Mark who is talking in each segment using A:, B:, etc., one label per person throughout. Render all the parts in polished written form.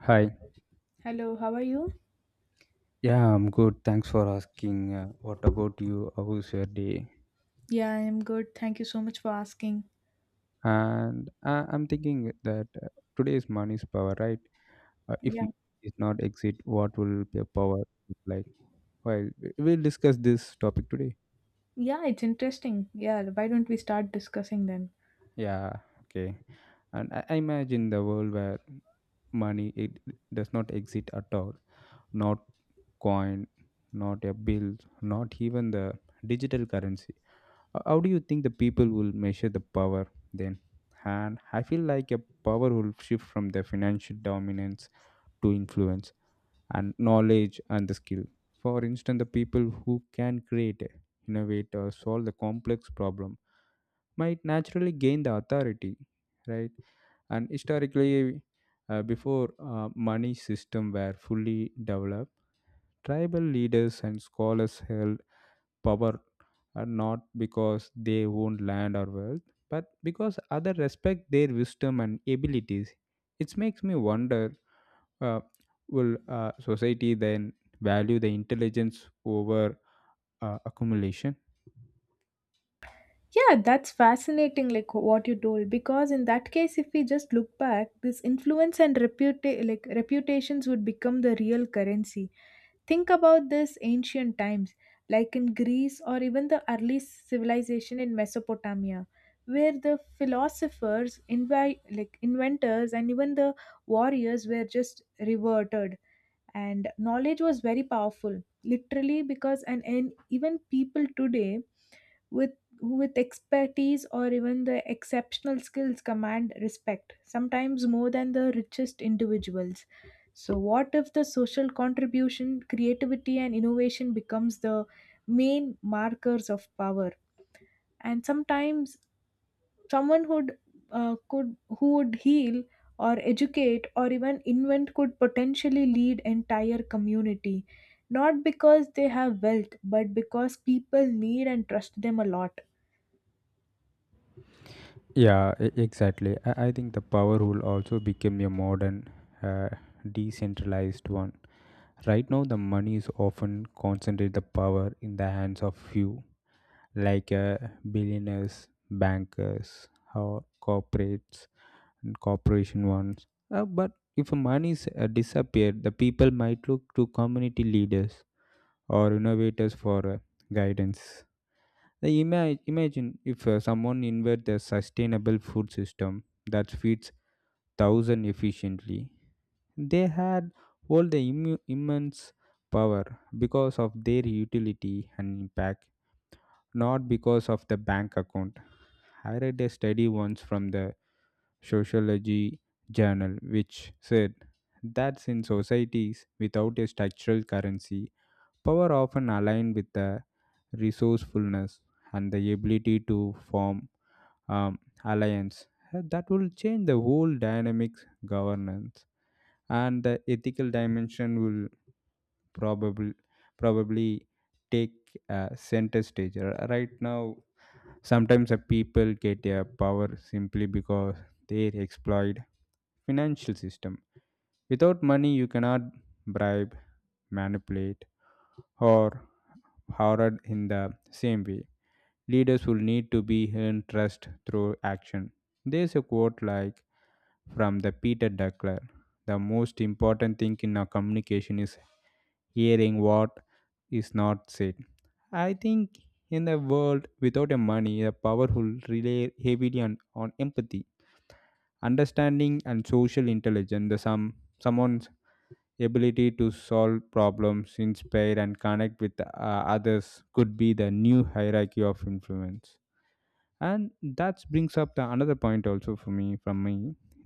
A: Hi.
B: Hello, how are you?
A: Yeah, I'm good. Thanks for asking. What about you? How was your day?
B: Yeah, I'm good. Thank you so much for asking.
A: And I'm thinking that today is money's power, right? If
B: Yeah.
A: money is not exit, what will the power look like? Well, we'll discuss this topic today.
B: Yeah, it's interesting. Yeah, why don't we start discussing then?
A: Yeah. Okay. And I imagine the world where money it does not exist at all. Not coin, not a bill, not even the digital currency. How do you think the people will measure the power then? And I feel like a power will shift from the financial dominance to influence and knowledge and the skill. For instance, the people who can create, innovate, or solve the complex problem might naturally gain the authority, right? And historically, before money system were fully developed, tribal leaders and scholars held power, and not because they own land or wealth, but because others respect their wisdom and abilities. It makes me wonder, uh, will society then value the intelligence over accumulation?
B: Yeah, that's fascinating, like what you told. Because in that case, if we just look back, this influence and like reputations would become the real currency. Think about this ancient times, like in Greece or even the early civilization in Mesopotamia, where the philosophers, like inventors, and even the warriors were just reverted. And knowledge was very powerful literally because, and even people today with with expertise or even the exceptional skills command respect sometimes more than the richest individuals. So what if the social contribution, creativity, and innovation becomes the main markers of power? And sometimes someone who would heal or educate or even invent could potentially lead entire community, not because they have wealth, but because people need and trust them a lot.
A: Yeah, exactly. I think the power will also become a modern, uh, decentralized one. Right now, the money is often concentrated the power in the hands of few, like billionaires, bankers, or corporates and corporation ones. But if money is disappeared, the people might look to community leaders or innovators for guidance. The imagine if someone invents a sustainable food system that feeds thousand efficiently. They had all the immense power because of their utility and impact, not because of the bank account. I read a study once from the Sociology Journal which said that in societies without a structural currency, power often aligned with the resourcefulness and the ability to form um, alliance. That will change the whole dynamics, governance, and the ethical dimension will probably probably take a center stage. Right now, sometimes a people get a power simply because they exploit financial system. Without money, you cannot bribe, manipulate, or hoard in the same way. Leaders will need to be earned trust through action. There's a quote like from the Peter Duckler. The most important thing in our communication is hearing what is not said. I think in a world without a money, the powerful rely heavily on empathy, understanding, and social intelligence. The someone's ability to solve problems, inspire, and connect with others could be the new hierarchy of influence, and that brings up the another point also for me from me.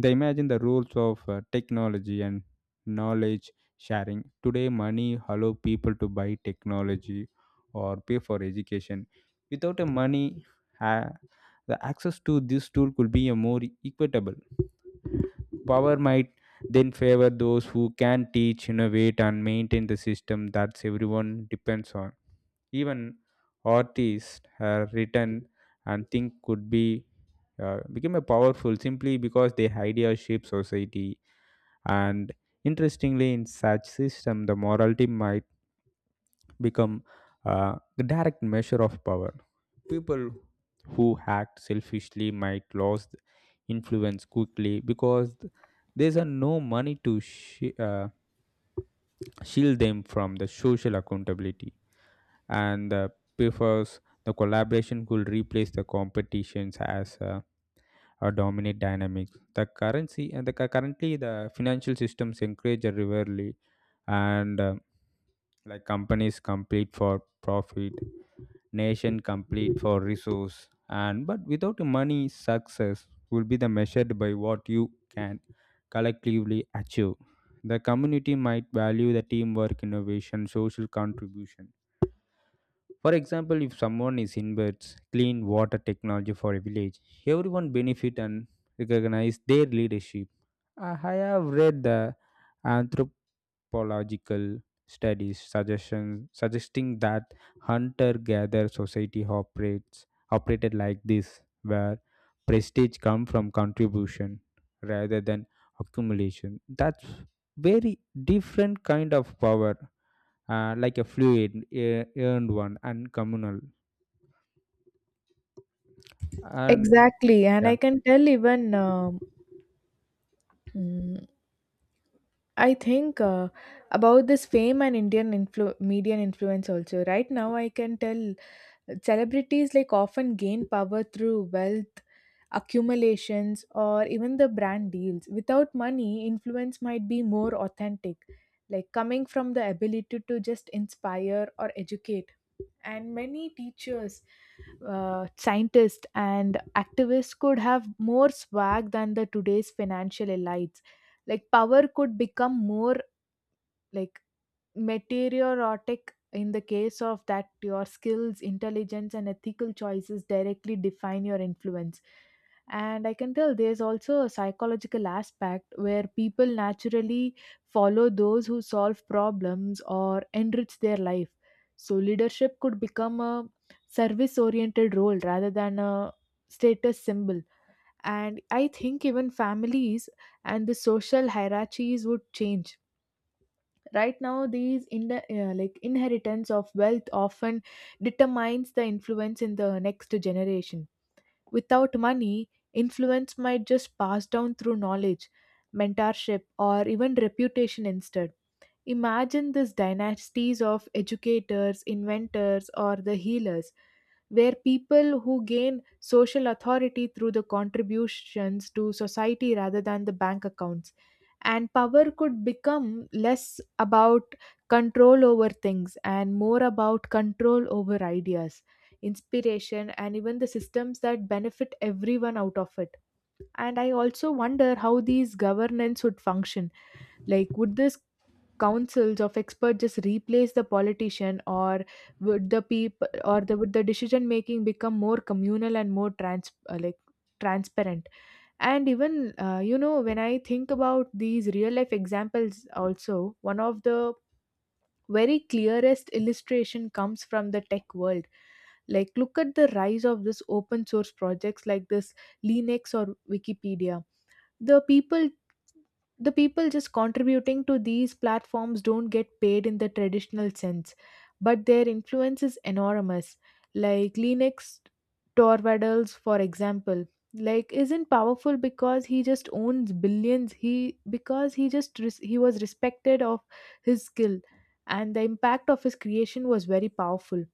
A: They imagine the rules of technology and knowledge sharing today money allow people to buy technology or pay for education without a money. uh, the access to this tool could be a more equitable power might then favor those who can teach, innovate, and maintain the system that everyone depends on. Even artists have written and think could be became a powerful simply because their idea shape society. And interestingly, in such system, the morality might become the direct measure of power. People who act selfishly might lose the influence quickly because there's a no money to shield them from the social accountability, and prefers the collaboration could replace the competitions as a dominant dynamic. The currency and the currently the financial systems encourage a rivalry, and like companies complete for profit, nation complete for resource, and but without money, success will be the measured by what you can collectively achieve. The community might value the teamwork, innovation, social contribution. For example, if someone is inverts clean water technology for a village, everyone benefit and recognize their leadership. I have read the anthropological studies suggestions suggesting that hunter-gatherer society operates operated like this, where prestige come from contribution rather than accumulation. That's very different kind of power, like a fluid, earned one, and communal. And
B: Exactly, and
A: yeah,
B: I can tell even Mm, I think about this fame and Indian media and influence also. Right now, I can tell celebrities like often gain power through wealth accumulations or even the brand deals. Without money, influence might be more authentic, like coming from the ability to just inspire or educate. And many teachers, scientists, and activists could have more swag than the today's financial elites. Like power could become more like meteorotic, in the case of that your skills, intelligence, and ethical choices directly define your influence. And I can tell there's also a psychological aspect where people naturally follow those who solve problems or enrich their life, so leadership could become a service oriented role rather than a status symbol. And I think even families and the social hierarchies would change. Right now these in the like inheritance of wealth often determines the influence in the next generation. Without money, influence might just pass down through knowledge, mentorship, or even reputation instead. Imagine this dynasties of educators, inventors, or the healers, where people who gain social authority through the contributions to society rather than the bank accounts. And power could become less about control over things and more about control over ideas, inspiration, and even the systems that benefit everyone out of it. And I also wonder how these governance would function. Like, would these councils of experts just replace the politician, or would the people or the would the decision making become more communal and more trans like transparent? And even, when I think about these real life examples also, one of the very clearest illustration comes from the tech world. Like, look at the rise of this open source projects like this Linux or Wikipedia. The people the people just contributing to these platforms don't get paid in the traditional sense, but their influence is enormous. Like Linux Torvalds, for example, like isn't powerful because he just owns billions. He, because he just he was respected of his skill, and the impact of his creation was very powerful,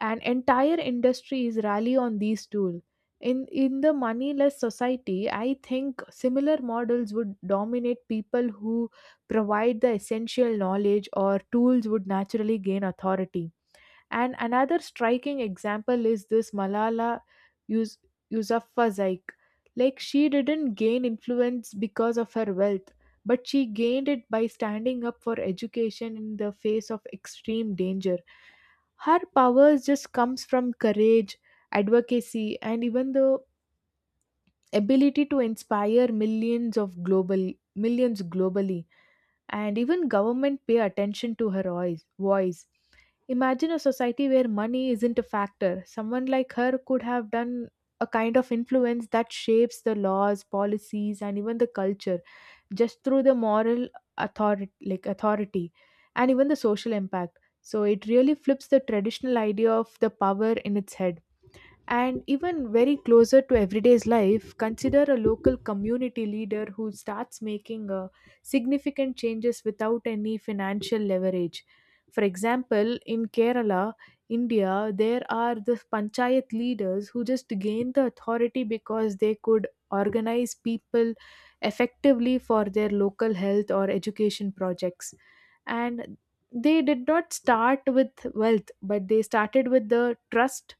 B: and entire industries rally on these tools. In the moneyless society, I think similar models would dominate. People who provide the essential knowledge or tools would naturally gain authority. And another striking example is this Malala Yus- Yousafzai. Like, she didn't gain influence because of her wealth, but she gained it by standing up for education in the face of extreme danger. Her powers just comes from courage, advocacy, and even the ability to inspire millions of global millions globally. And even government pay attention to her voice. Imagine a society where money isn't a factor. Someone like her could have done a kind of influence that shapes the laws, policies, and even the culture, just through the moral authority and even the social impact. So it really flips the traditional idea of the power in its head. And even very closer to everyday's life, consider a local community leader who starts making significant changes without any financial leverage. For example, in Kerala, India, there are the Panchayat leaders who just gained the authority because they could organize people effectively for their local health or education projects, and they did not start with wealth, but they started with the trust,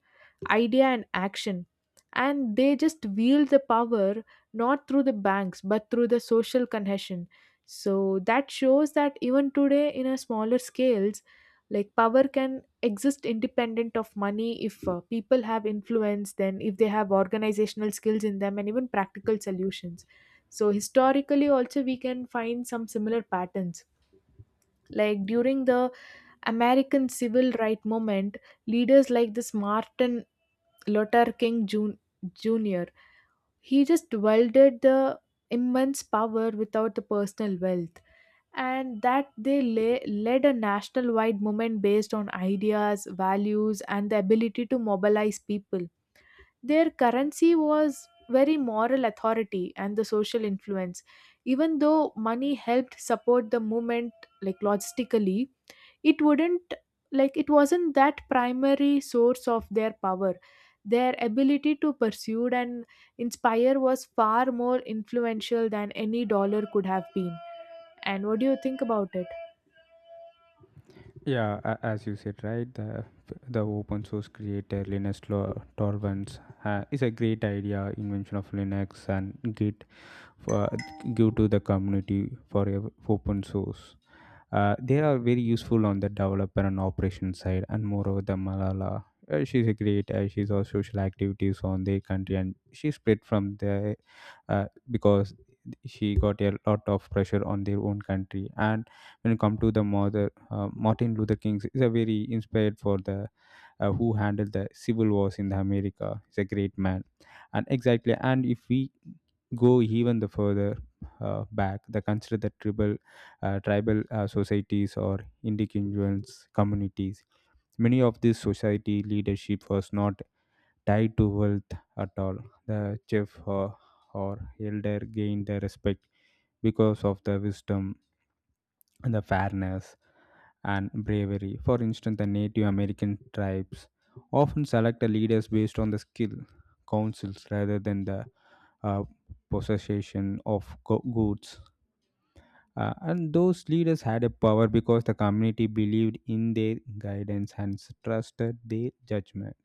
B: idea, and action. And they just wield the power, not through the banks, but through the social cohesion. So that shows that even today in a smaller scales, like power can exist independent of money if people have influence, then if they have organizational skills in them and even practical solutions. So historically also we can find some similar patterns, like during the American civil right movement, leaders like this Martin Luther King Jr. He just wielded the immense power without the personal wealth, and that they led a national-wide movement based on ideas, values, and the ability to mobilize people. Their currency was very moral authority and the social influence. Even though money helped support the movement, like logistically, it wouldn't like it wasn't that primary source of their power. Their ability to pursue and inspire was far more influential than any dollar could have been. And what do you think about it?
A: yeah as you said, right, the open source creator Linus Torvalds is a great idea invention of Linux and Git for give to the community for open source. They are very useful on the developer and operation side. And moreover, the Malala, she's a great, she's all social activities on their country, and she split from the because she got a lot of pressure on their own country. And when it come to the mother, Martin Luther King is a very inspired for the, who handled the civil wars in the America. He's a great man. And exactly, and if we go even the further, back the consider the tribal, tribal, societies or indigenous communities. Many of these society leadership was not tied to wealth at all. The chief or elder gained the respect because of the wisdom, and the fairness, and bravery. For instance, the Native American tribes often select the leaders based on the skill, counsels rather than the uh, possession of goods. And those leaders had a power because the community believed in their guidance and trusted their judgment.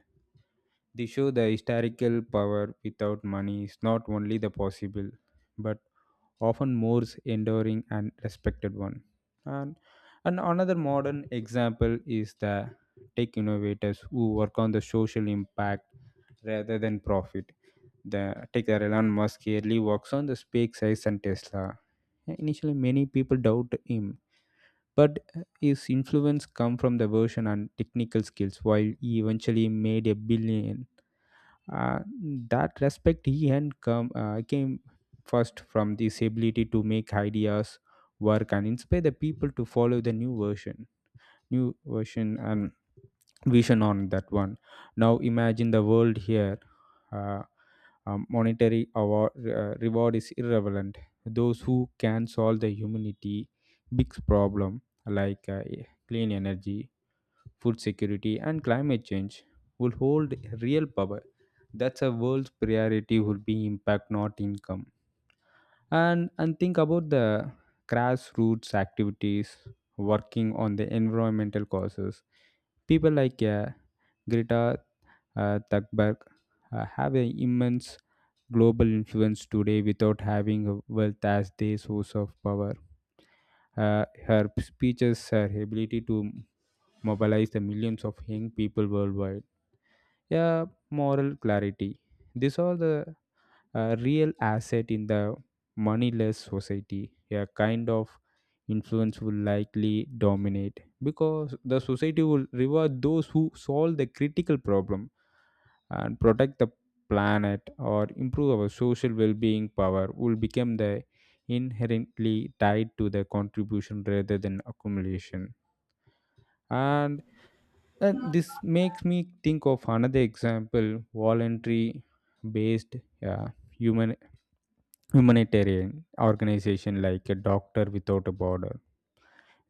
A: They show the historical power without money is not only the possible, but often more enduring and respected one. And, and another modern example is the tech innovators who work on the social impact rather than profit. The taker Elon Musk yearly works on the SpaceX and Tesla. Yeah, initially, many people doubt him, but his influence come from the version and technical skills. While he eventually made a billion, uh, that respect he and come came first from this ability to make ideas work and inspire the people to follow the new version and vision on that one. Now imagine the world here, uh, monetary award, reward is irrelevant. Those who can solve the humanity big problem, like clean energy, food security, and climate change, will hold real power. That's a world's priority will be impact, not income. And think about the grassroots activities working on the environmental causes. People like Greta, Thunberg, have an immense global influence today without having a wealth as their source of power. Her speeches, her ability to mobilize the millions of young people worldwide, yeah, moral clarity, these are the a real asset in the moneyless society. A kind of influence will likely dominate because the society will reward those who solve the critical problem and protect the planet or improve our social well-being. Power will become the inherently tied to the contribution rather than accumulation. And and this makes me think of another example: voluntary based uh, human humanitarian organization like a doctor without a border.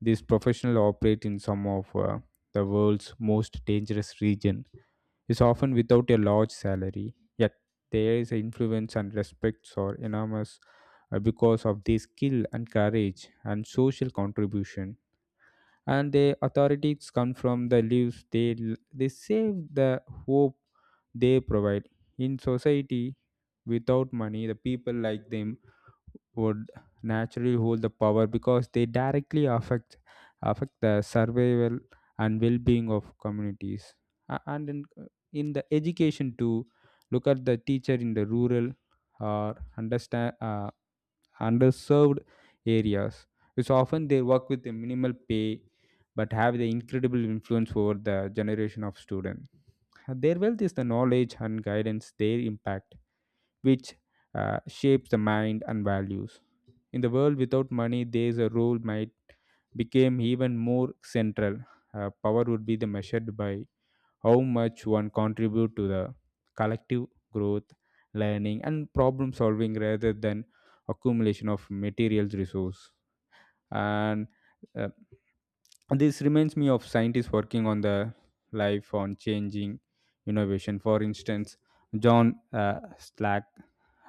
A: These professionals operate in some of the world's most dangerous region is often without a large salary, yet there is influence and respects are enormous because of their skill and courage and social contribution. And the authorities come from the lives they save, the hope they provide in society. Without money, the people like them would naturally hold the power because they directly affect the survival and well-being of communities. And in the education too, look at the teacher in the rural or understand, underserved areas. It's often they work with a minimal pay, but have the incredible influence over the generation of students. Their wealth is the knowledge and guidance they impact, which shapes the mind and values. In the world without money, there's a role might became even more central. Power would be the measured by how much one contribute to the collective growth, learning, and problem solving rather than accumulation of material resource. And uh, this reminds me of scientists working on the life on changing innovation. For instance, John Slack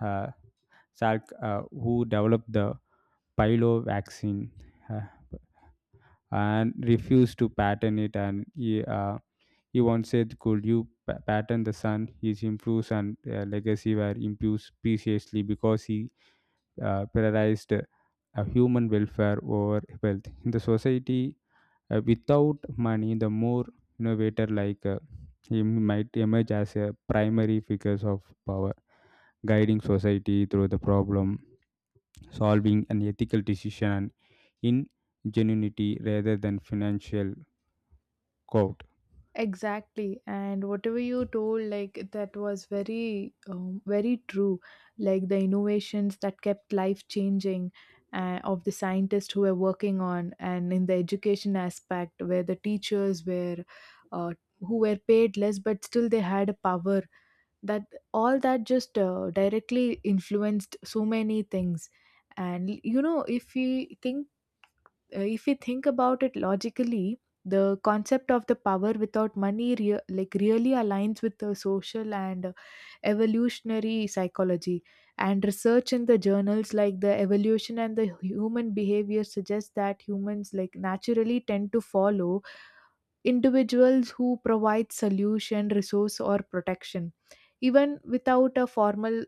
A: uh, Salk, who developed the Pilo vaccine, uh, and refused to patent it. And he once said, could you patent the sun? His influence and legacy were imposed preciously because he prioritized human welfare over wealth. In the society, without money, the more innovator like he might emerge as a primary figures of power, guiding society through the problem solving an ethical decision and ingenuity rather than financial code.
B: Exactly, and whatever you told, like that was very, very true. Like the innovations that kept life changing, of the scientists who were working on, and in the education aspect, where the teachers were, uh, who were paid less, but still they had a power. That all that just directly influenced so many things. And you know, if we think about it logically, the concept of the power without money like really aligns with the social and evolutionary psychology. And research in the journals like the evolution and the human behavior suggests that humans like naturally tend to follow individuals who provide solution, resource, or protection, even without a formal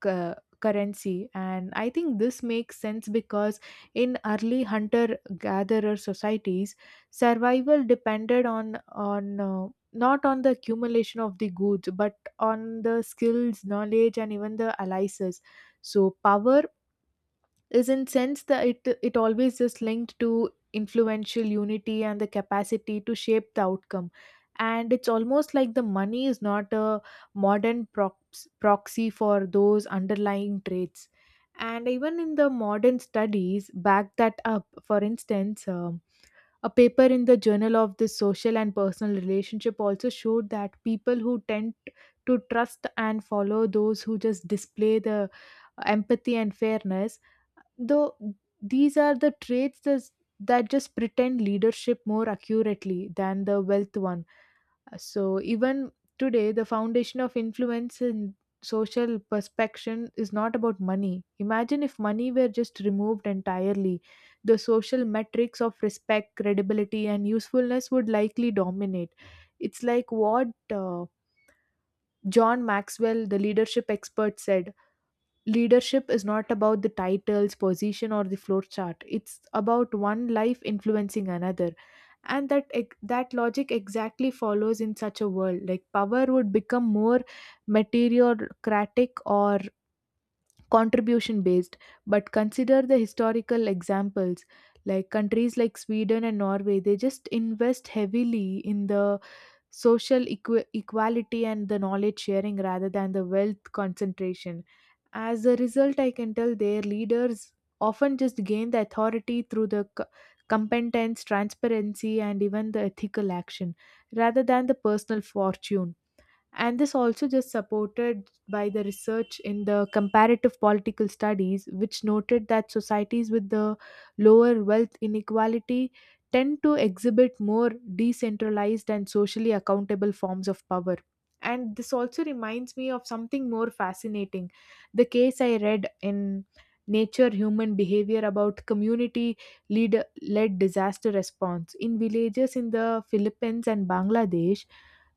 B: cu- currency. And I think this makes sense because in early hunter gatherer societies, survival depended on not on the accumulation of the goods, but on the skills, knowledge, and even the alliances. So power is in sense that it always is linked to influential unity and the capacity to shape the outcome. And it's almost like the money is not a modern proxy for those underlying traits. And even in the modern studies back that up, for instance, a paper in the Journal of the Social and Personal Relationship also showed that people who tend to trust and follow those who just display the empathy and fairness, though these are the traits that just pretend leadership more accurately than the wealth one. So even today, the foundation of influence and social perspection is not about money. Imagine if money were just removed entirely, the social metrics of respect, credibility, and usefulness would likely dominate. It's like what uh, John Maxwell, the leadership expert, said, leadership is not about the titles, position, or the flow chart. It's about one life influencing another. And that logic exactly follows. In such a world, like power would become more materiocratic or contribution based. But consider the historical examples, like countries like Sweden and Norway, they just invest heavily in the social equality and the knowledge sharing rather than the wealth concentration. As a result, I can tell their leaders often just gain the authority through the competence, transparency, and even the ethical action rather than the personal fortune. And this also just supported by the research in the comparative political studies, which noted that societies with the lower wealth inequality tend to exhibit more decentralized and socially accountable forms of power. And this also reminds me of something more fascinating, the case I read in Nature Human Behavior about community lead led disaster response in villages in the Philippines and Bangladesh.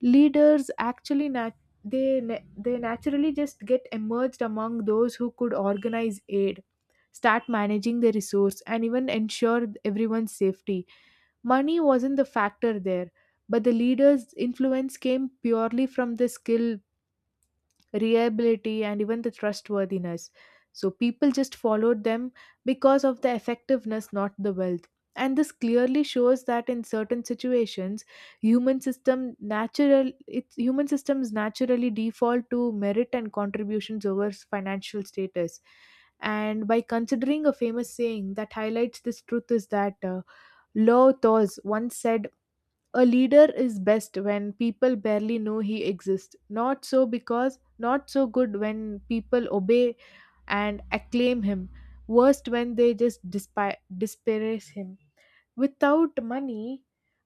B: Leaders actually they naturally just get emerged among those who could organize aid, start managing the resource, and even ensure everyone's safety. Money wasn't the factor there, but the leaders influence came purely from the skill, reliability, and even the trustworthiness. So people just followed them because of the effectiveness, not the wealth. And this clearly shows that in certain situations, human systems naturally default to merit and contributions over financial status. And by considering a famous saying that highlights this truth is that, Lao Tzu once said, a leader is best when people barely know he exists. Not so good when people obey and acclaim him. Worst when they just disparage him. Without money,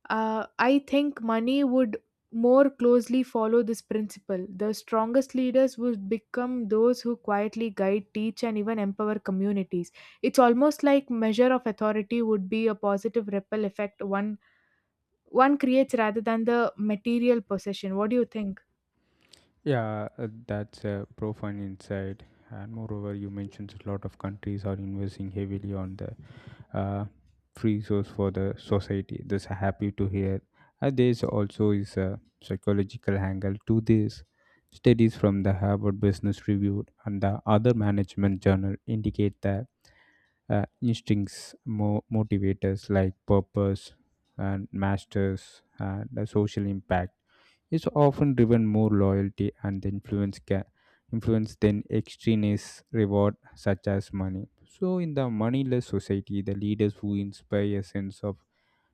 B: I think money would more closely follow this principle. The strongest leaders would become those who quietly guide, teach, and even empower communities. It's almost like measure of authority would be a positive ripple effect one creates rather than the material possession. What do you think?
A: Yeah, that's a profound insight. And moreover, you mentioned a lot of countries are investing heavily on the uh, free source for the society. That's happy to hear. There's also is a psychological angle to this. Studies from the Harvard Business Review and the other management journal indicate that instincts, motivators like purpose and masters and the social impact is often driven more loyalty and the influence than extraneous reward such as money. So in the moneyless society, the leaders who inspire a sense of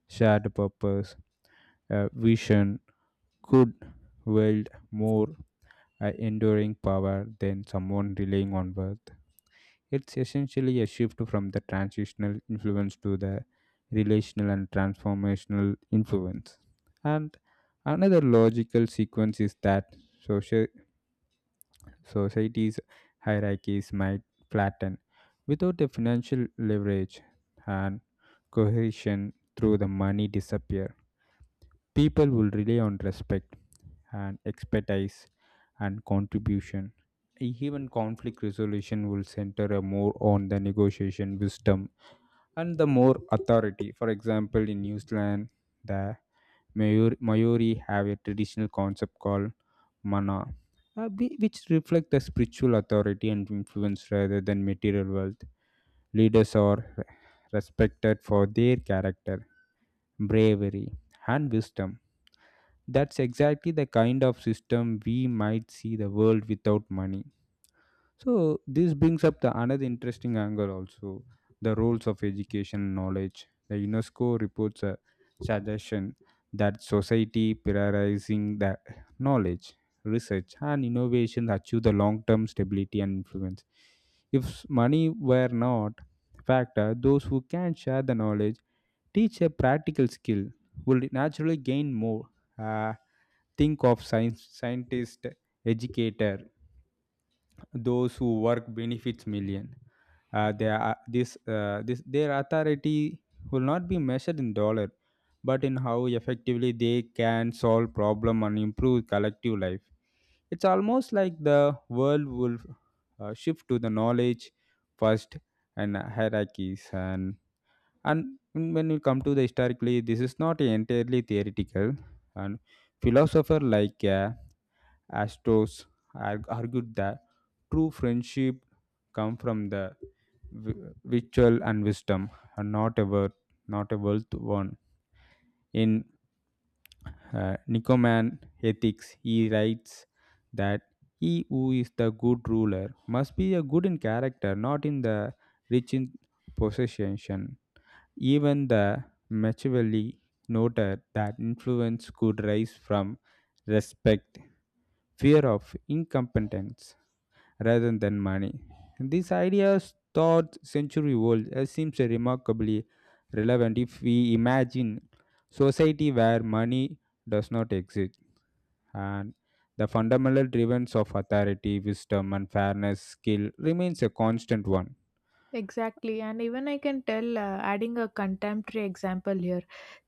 A: shared purpose, vision, could wield more enduring power than someone relying on wealth. It's essentially a shift from the transitional influence to the relational and transformational influence. And another logical sequence is that social society's hierarchies might flatten without the financial leverage and cohesion through the money disappear. People will rely on respect and expertise and contribution, even conflict resolution will center a more on the negotiation wisdom and the more authority. For example, in New Zealand, the Maori have a traditional concept called mana, which reflect the spiritual authority and influence rather than material wealth. Leaders are re- Respected for their character, bravery, and wisdom. That's exactly the kind of system we might see the world without money, so this brings up the another interesting angle also, the roles of education and knowledge. The UNESCO reports a suggestion that society prioritizing the knowledge, research, and innovation achieve the long-term stability and influence. If money were not factor, those who can share the knowledge, teach a practical skill, will naturally gain more. Uh, think of scientist, educator, those who work benefits million. They are, this, this, Their authority will not be measured in dollar, but in how effectively they can solve problem and improve collective life. It's almost like the world will shift to the knowledge first and hierarchies and when you come to the historically, this is not entirely theoretical and philosopher like. Astos argued that true friendship come from the virtual and wisdom, and not a word, not a wealth one. In Nicoman Ethics, he writes that he who is the good ruler must be a good in character, not in the rich in possession. Even the Machiavelli noted that influence could rise from respect, fear of incompetence, rather than money. This idea, thought century old, seems remarkably relevant if we imagine society where money does not exist and the fundamental driven of authority, wisdom and fairness skill remains a constant one.
B: Exactly, and even I can tell, adding a contemporary example here.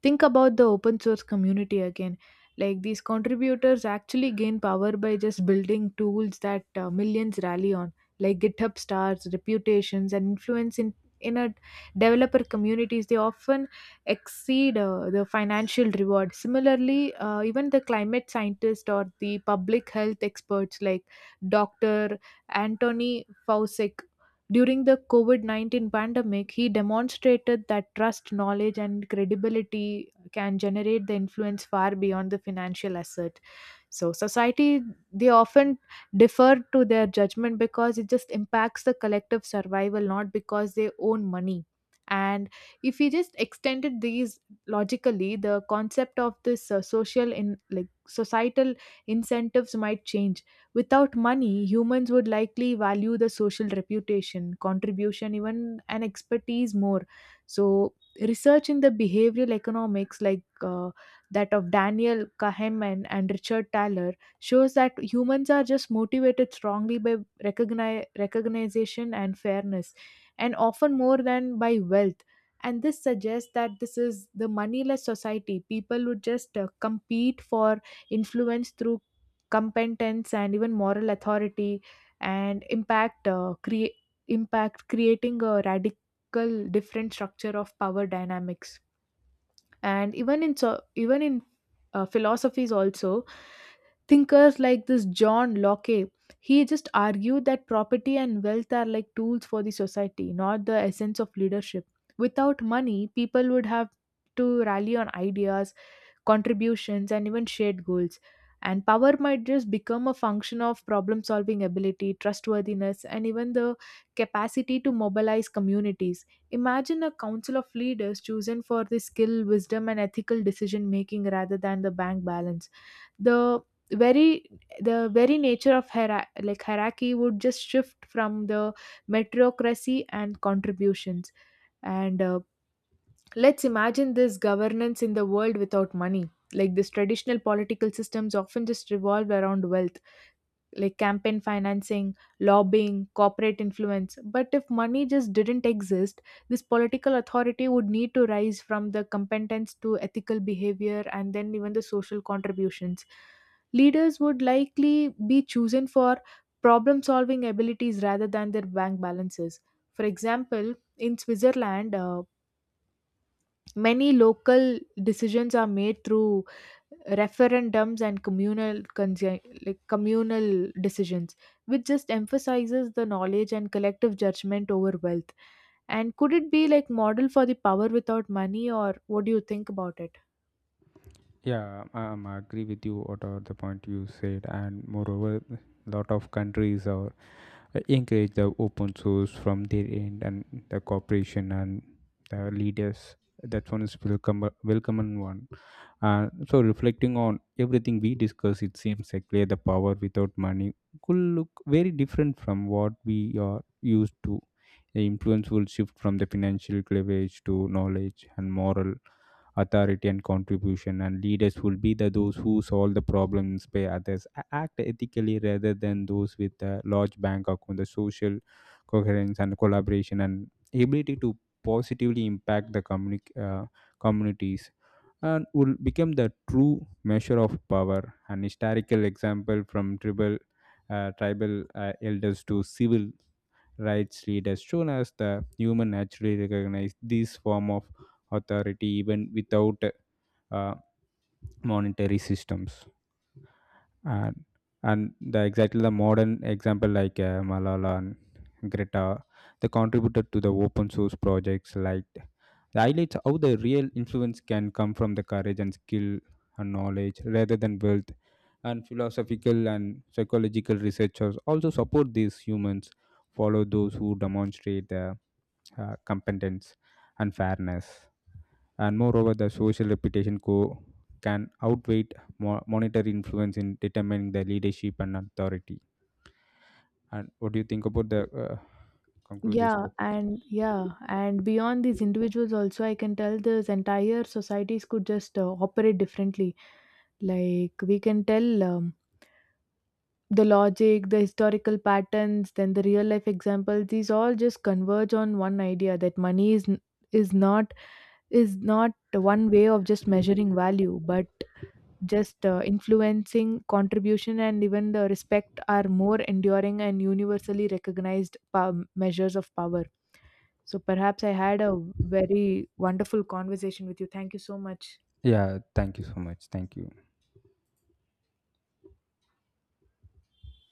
B: Think about the open source community again. Like these contributors actually gain power by just building tools that millions rally on, like GitHub stars, reputations, and influence in a developer communities. They often exceed the financial reward. Similarly, even the climate scientist or the public health experts like Doctor Anthony Fauci during the COVID 19 pandemic, he demonstrated that trust, knowledge, and credibility can generate the influence far beyond the financial asset. So, society, they often defer to their judgment because it just impacts the collective survival, not because they own money. And if we just extended these logically, the concept of this social in like societal incentives might change. Without money, humans would likely value the social reputation, contribution, even and expertise more. So, research in the behavioral economics, like that of Daniel Kahneman and Richard Thaler, shows that humans are just motivated strongly by recognition and fairness, and often more than by wealth. And this suggests that this is the moneyless society. People would just compete for influence through competence and even moral authority and impact creating a radical different structure of power dynamics and even in philosophies also thinkers like this John Locke. He just argued that property and wealth are like tools for the society, not the essence of leadership. Without money, people would have to rally on ideas, contributions, and even shared goals. And power might just become a function of problem solving ability, trustworthiness, and even the capacity to mobilize communities. Imagine a council of leaders chosen for the skill, wisdom, and ethical decision making rather than the bank balance. The very the very nature of hierarchy would just shift from the meritocracy and contributions and let's imagine this governance in the world without money. Like these traditional political systems often just revolve around wealth, like campaign financing, lobbying, corporate influence. But if money just didn't exist, this political authority would need to rise from the competence to ethical behavior and then even the social contributions. Leaders would likely be chosen for problem solving abilities rather than their bank balances. For example, in Switzerland, many local decisions are made through referendums and communal consi- like communal decisions, which just emphasizes the knowledge and collective judgment over wealth. And could it be like model for the power without money, or what do you think about it?
A: Yeah, I am agree with you whatever the point you said, and moreover, lot of countries are encourage the open source from their end and the corporation and the leaders. That one is welcome, welcome one. So reflecting on everything we discuss, it seems like where the power without money could look very different from what we are used to. The influence will shift from the financial cleavage to knowledge and moral authority and contribution, and leaders will be the those who solve the problem, inspire others, act ethically rather than those with a large bank account. The social coherence and collaboration and ability to positively impact the communities and will become the true measure of power. An historical example from tribal elders to civil rights read as soon as the human naturally recognize this form of authority even without uh, monetary systems, and and the exactly the modern example like malala and greta, they contributed to the open source projects like the highlights how the real influence can come from the courage and skill and knowledge rather than wealth, and philosophical and psychological researchers also support these humans follow those who demonstrate the competence and fairness. And moreover, the social reputation can outweigh monetary influence in determining the leadership and authority. And what do you think about the conclude this
B: Yeah,
A: topic?
B: and yeah, and beyond these individuals, also, I can tell this entire societies could just operate differently. Like, we can tell the logic, the historical patterns, then the real life examples, these all just converge on one idea that money is n- is not is not one way of just measuring value, but just influencing contribution and even the respect are more enduring and universally recognized measures of power. So perhaps I had a very wonderful conversation with you. Thank you so much.
A: Yeah, thank you so much. Thank you.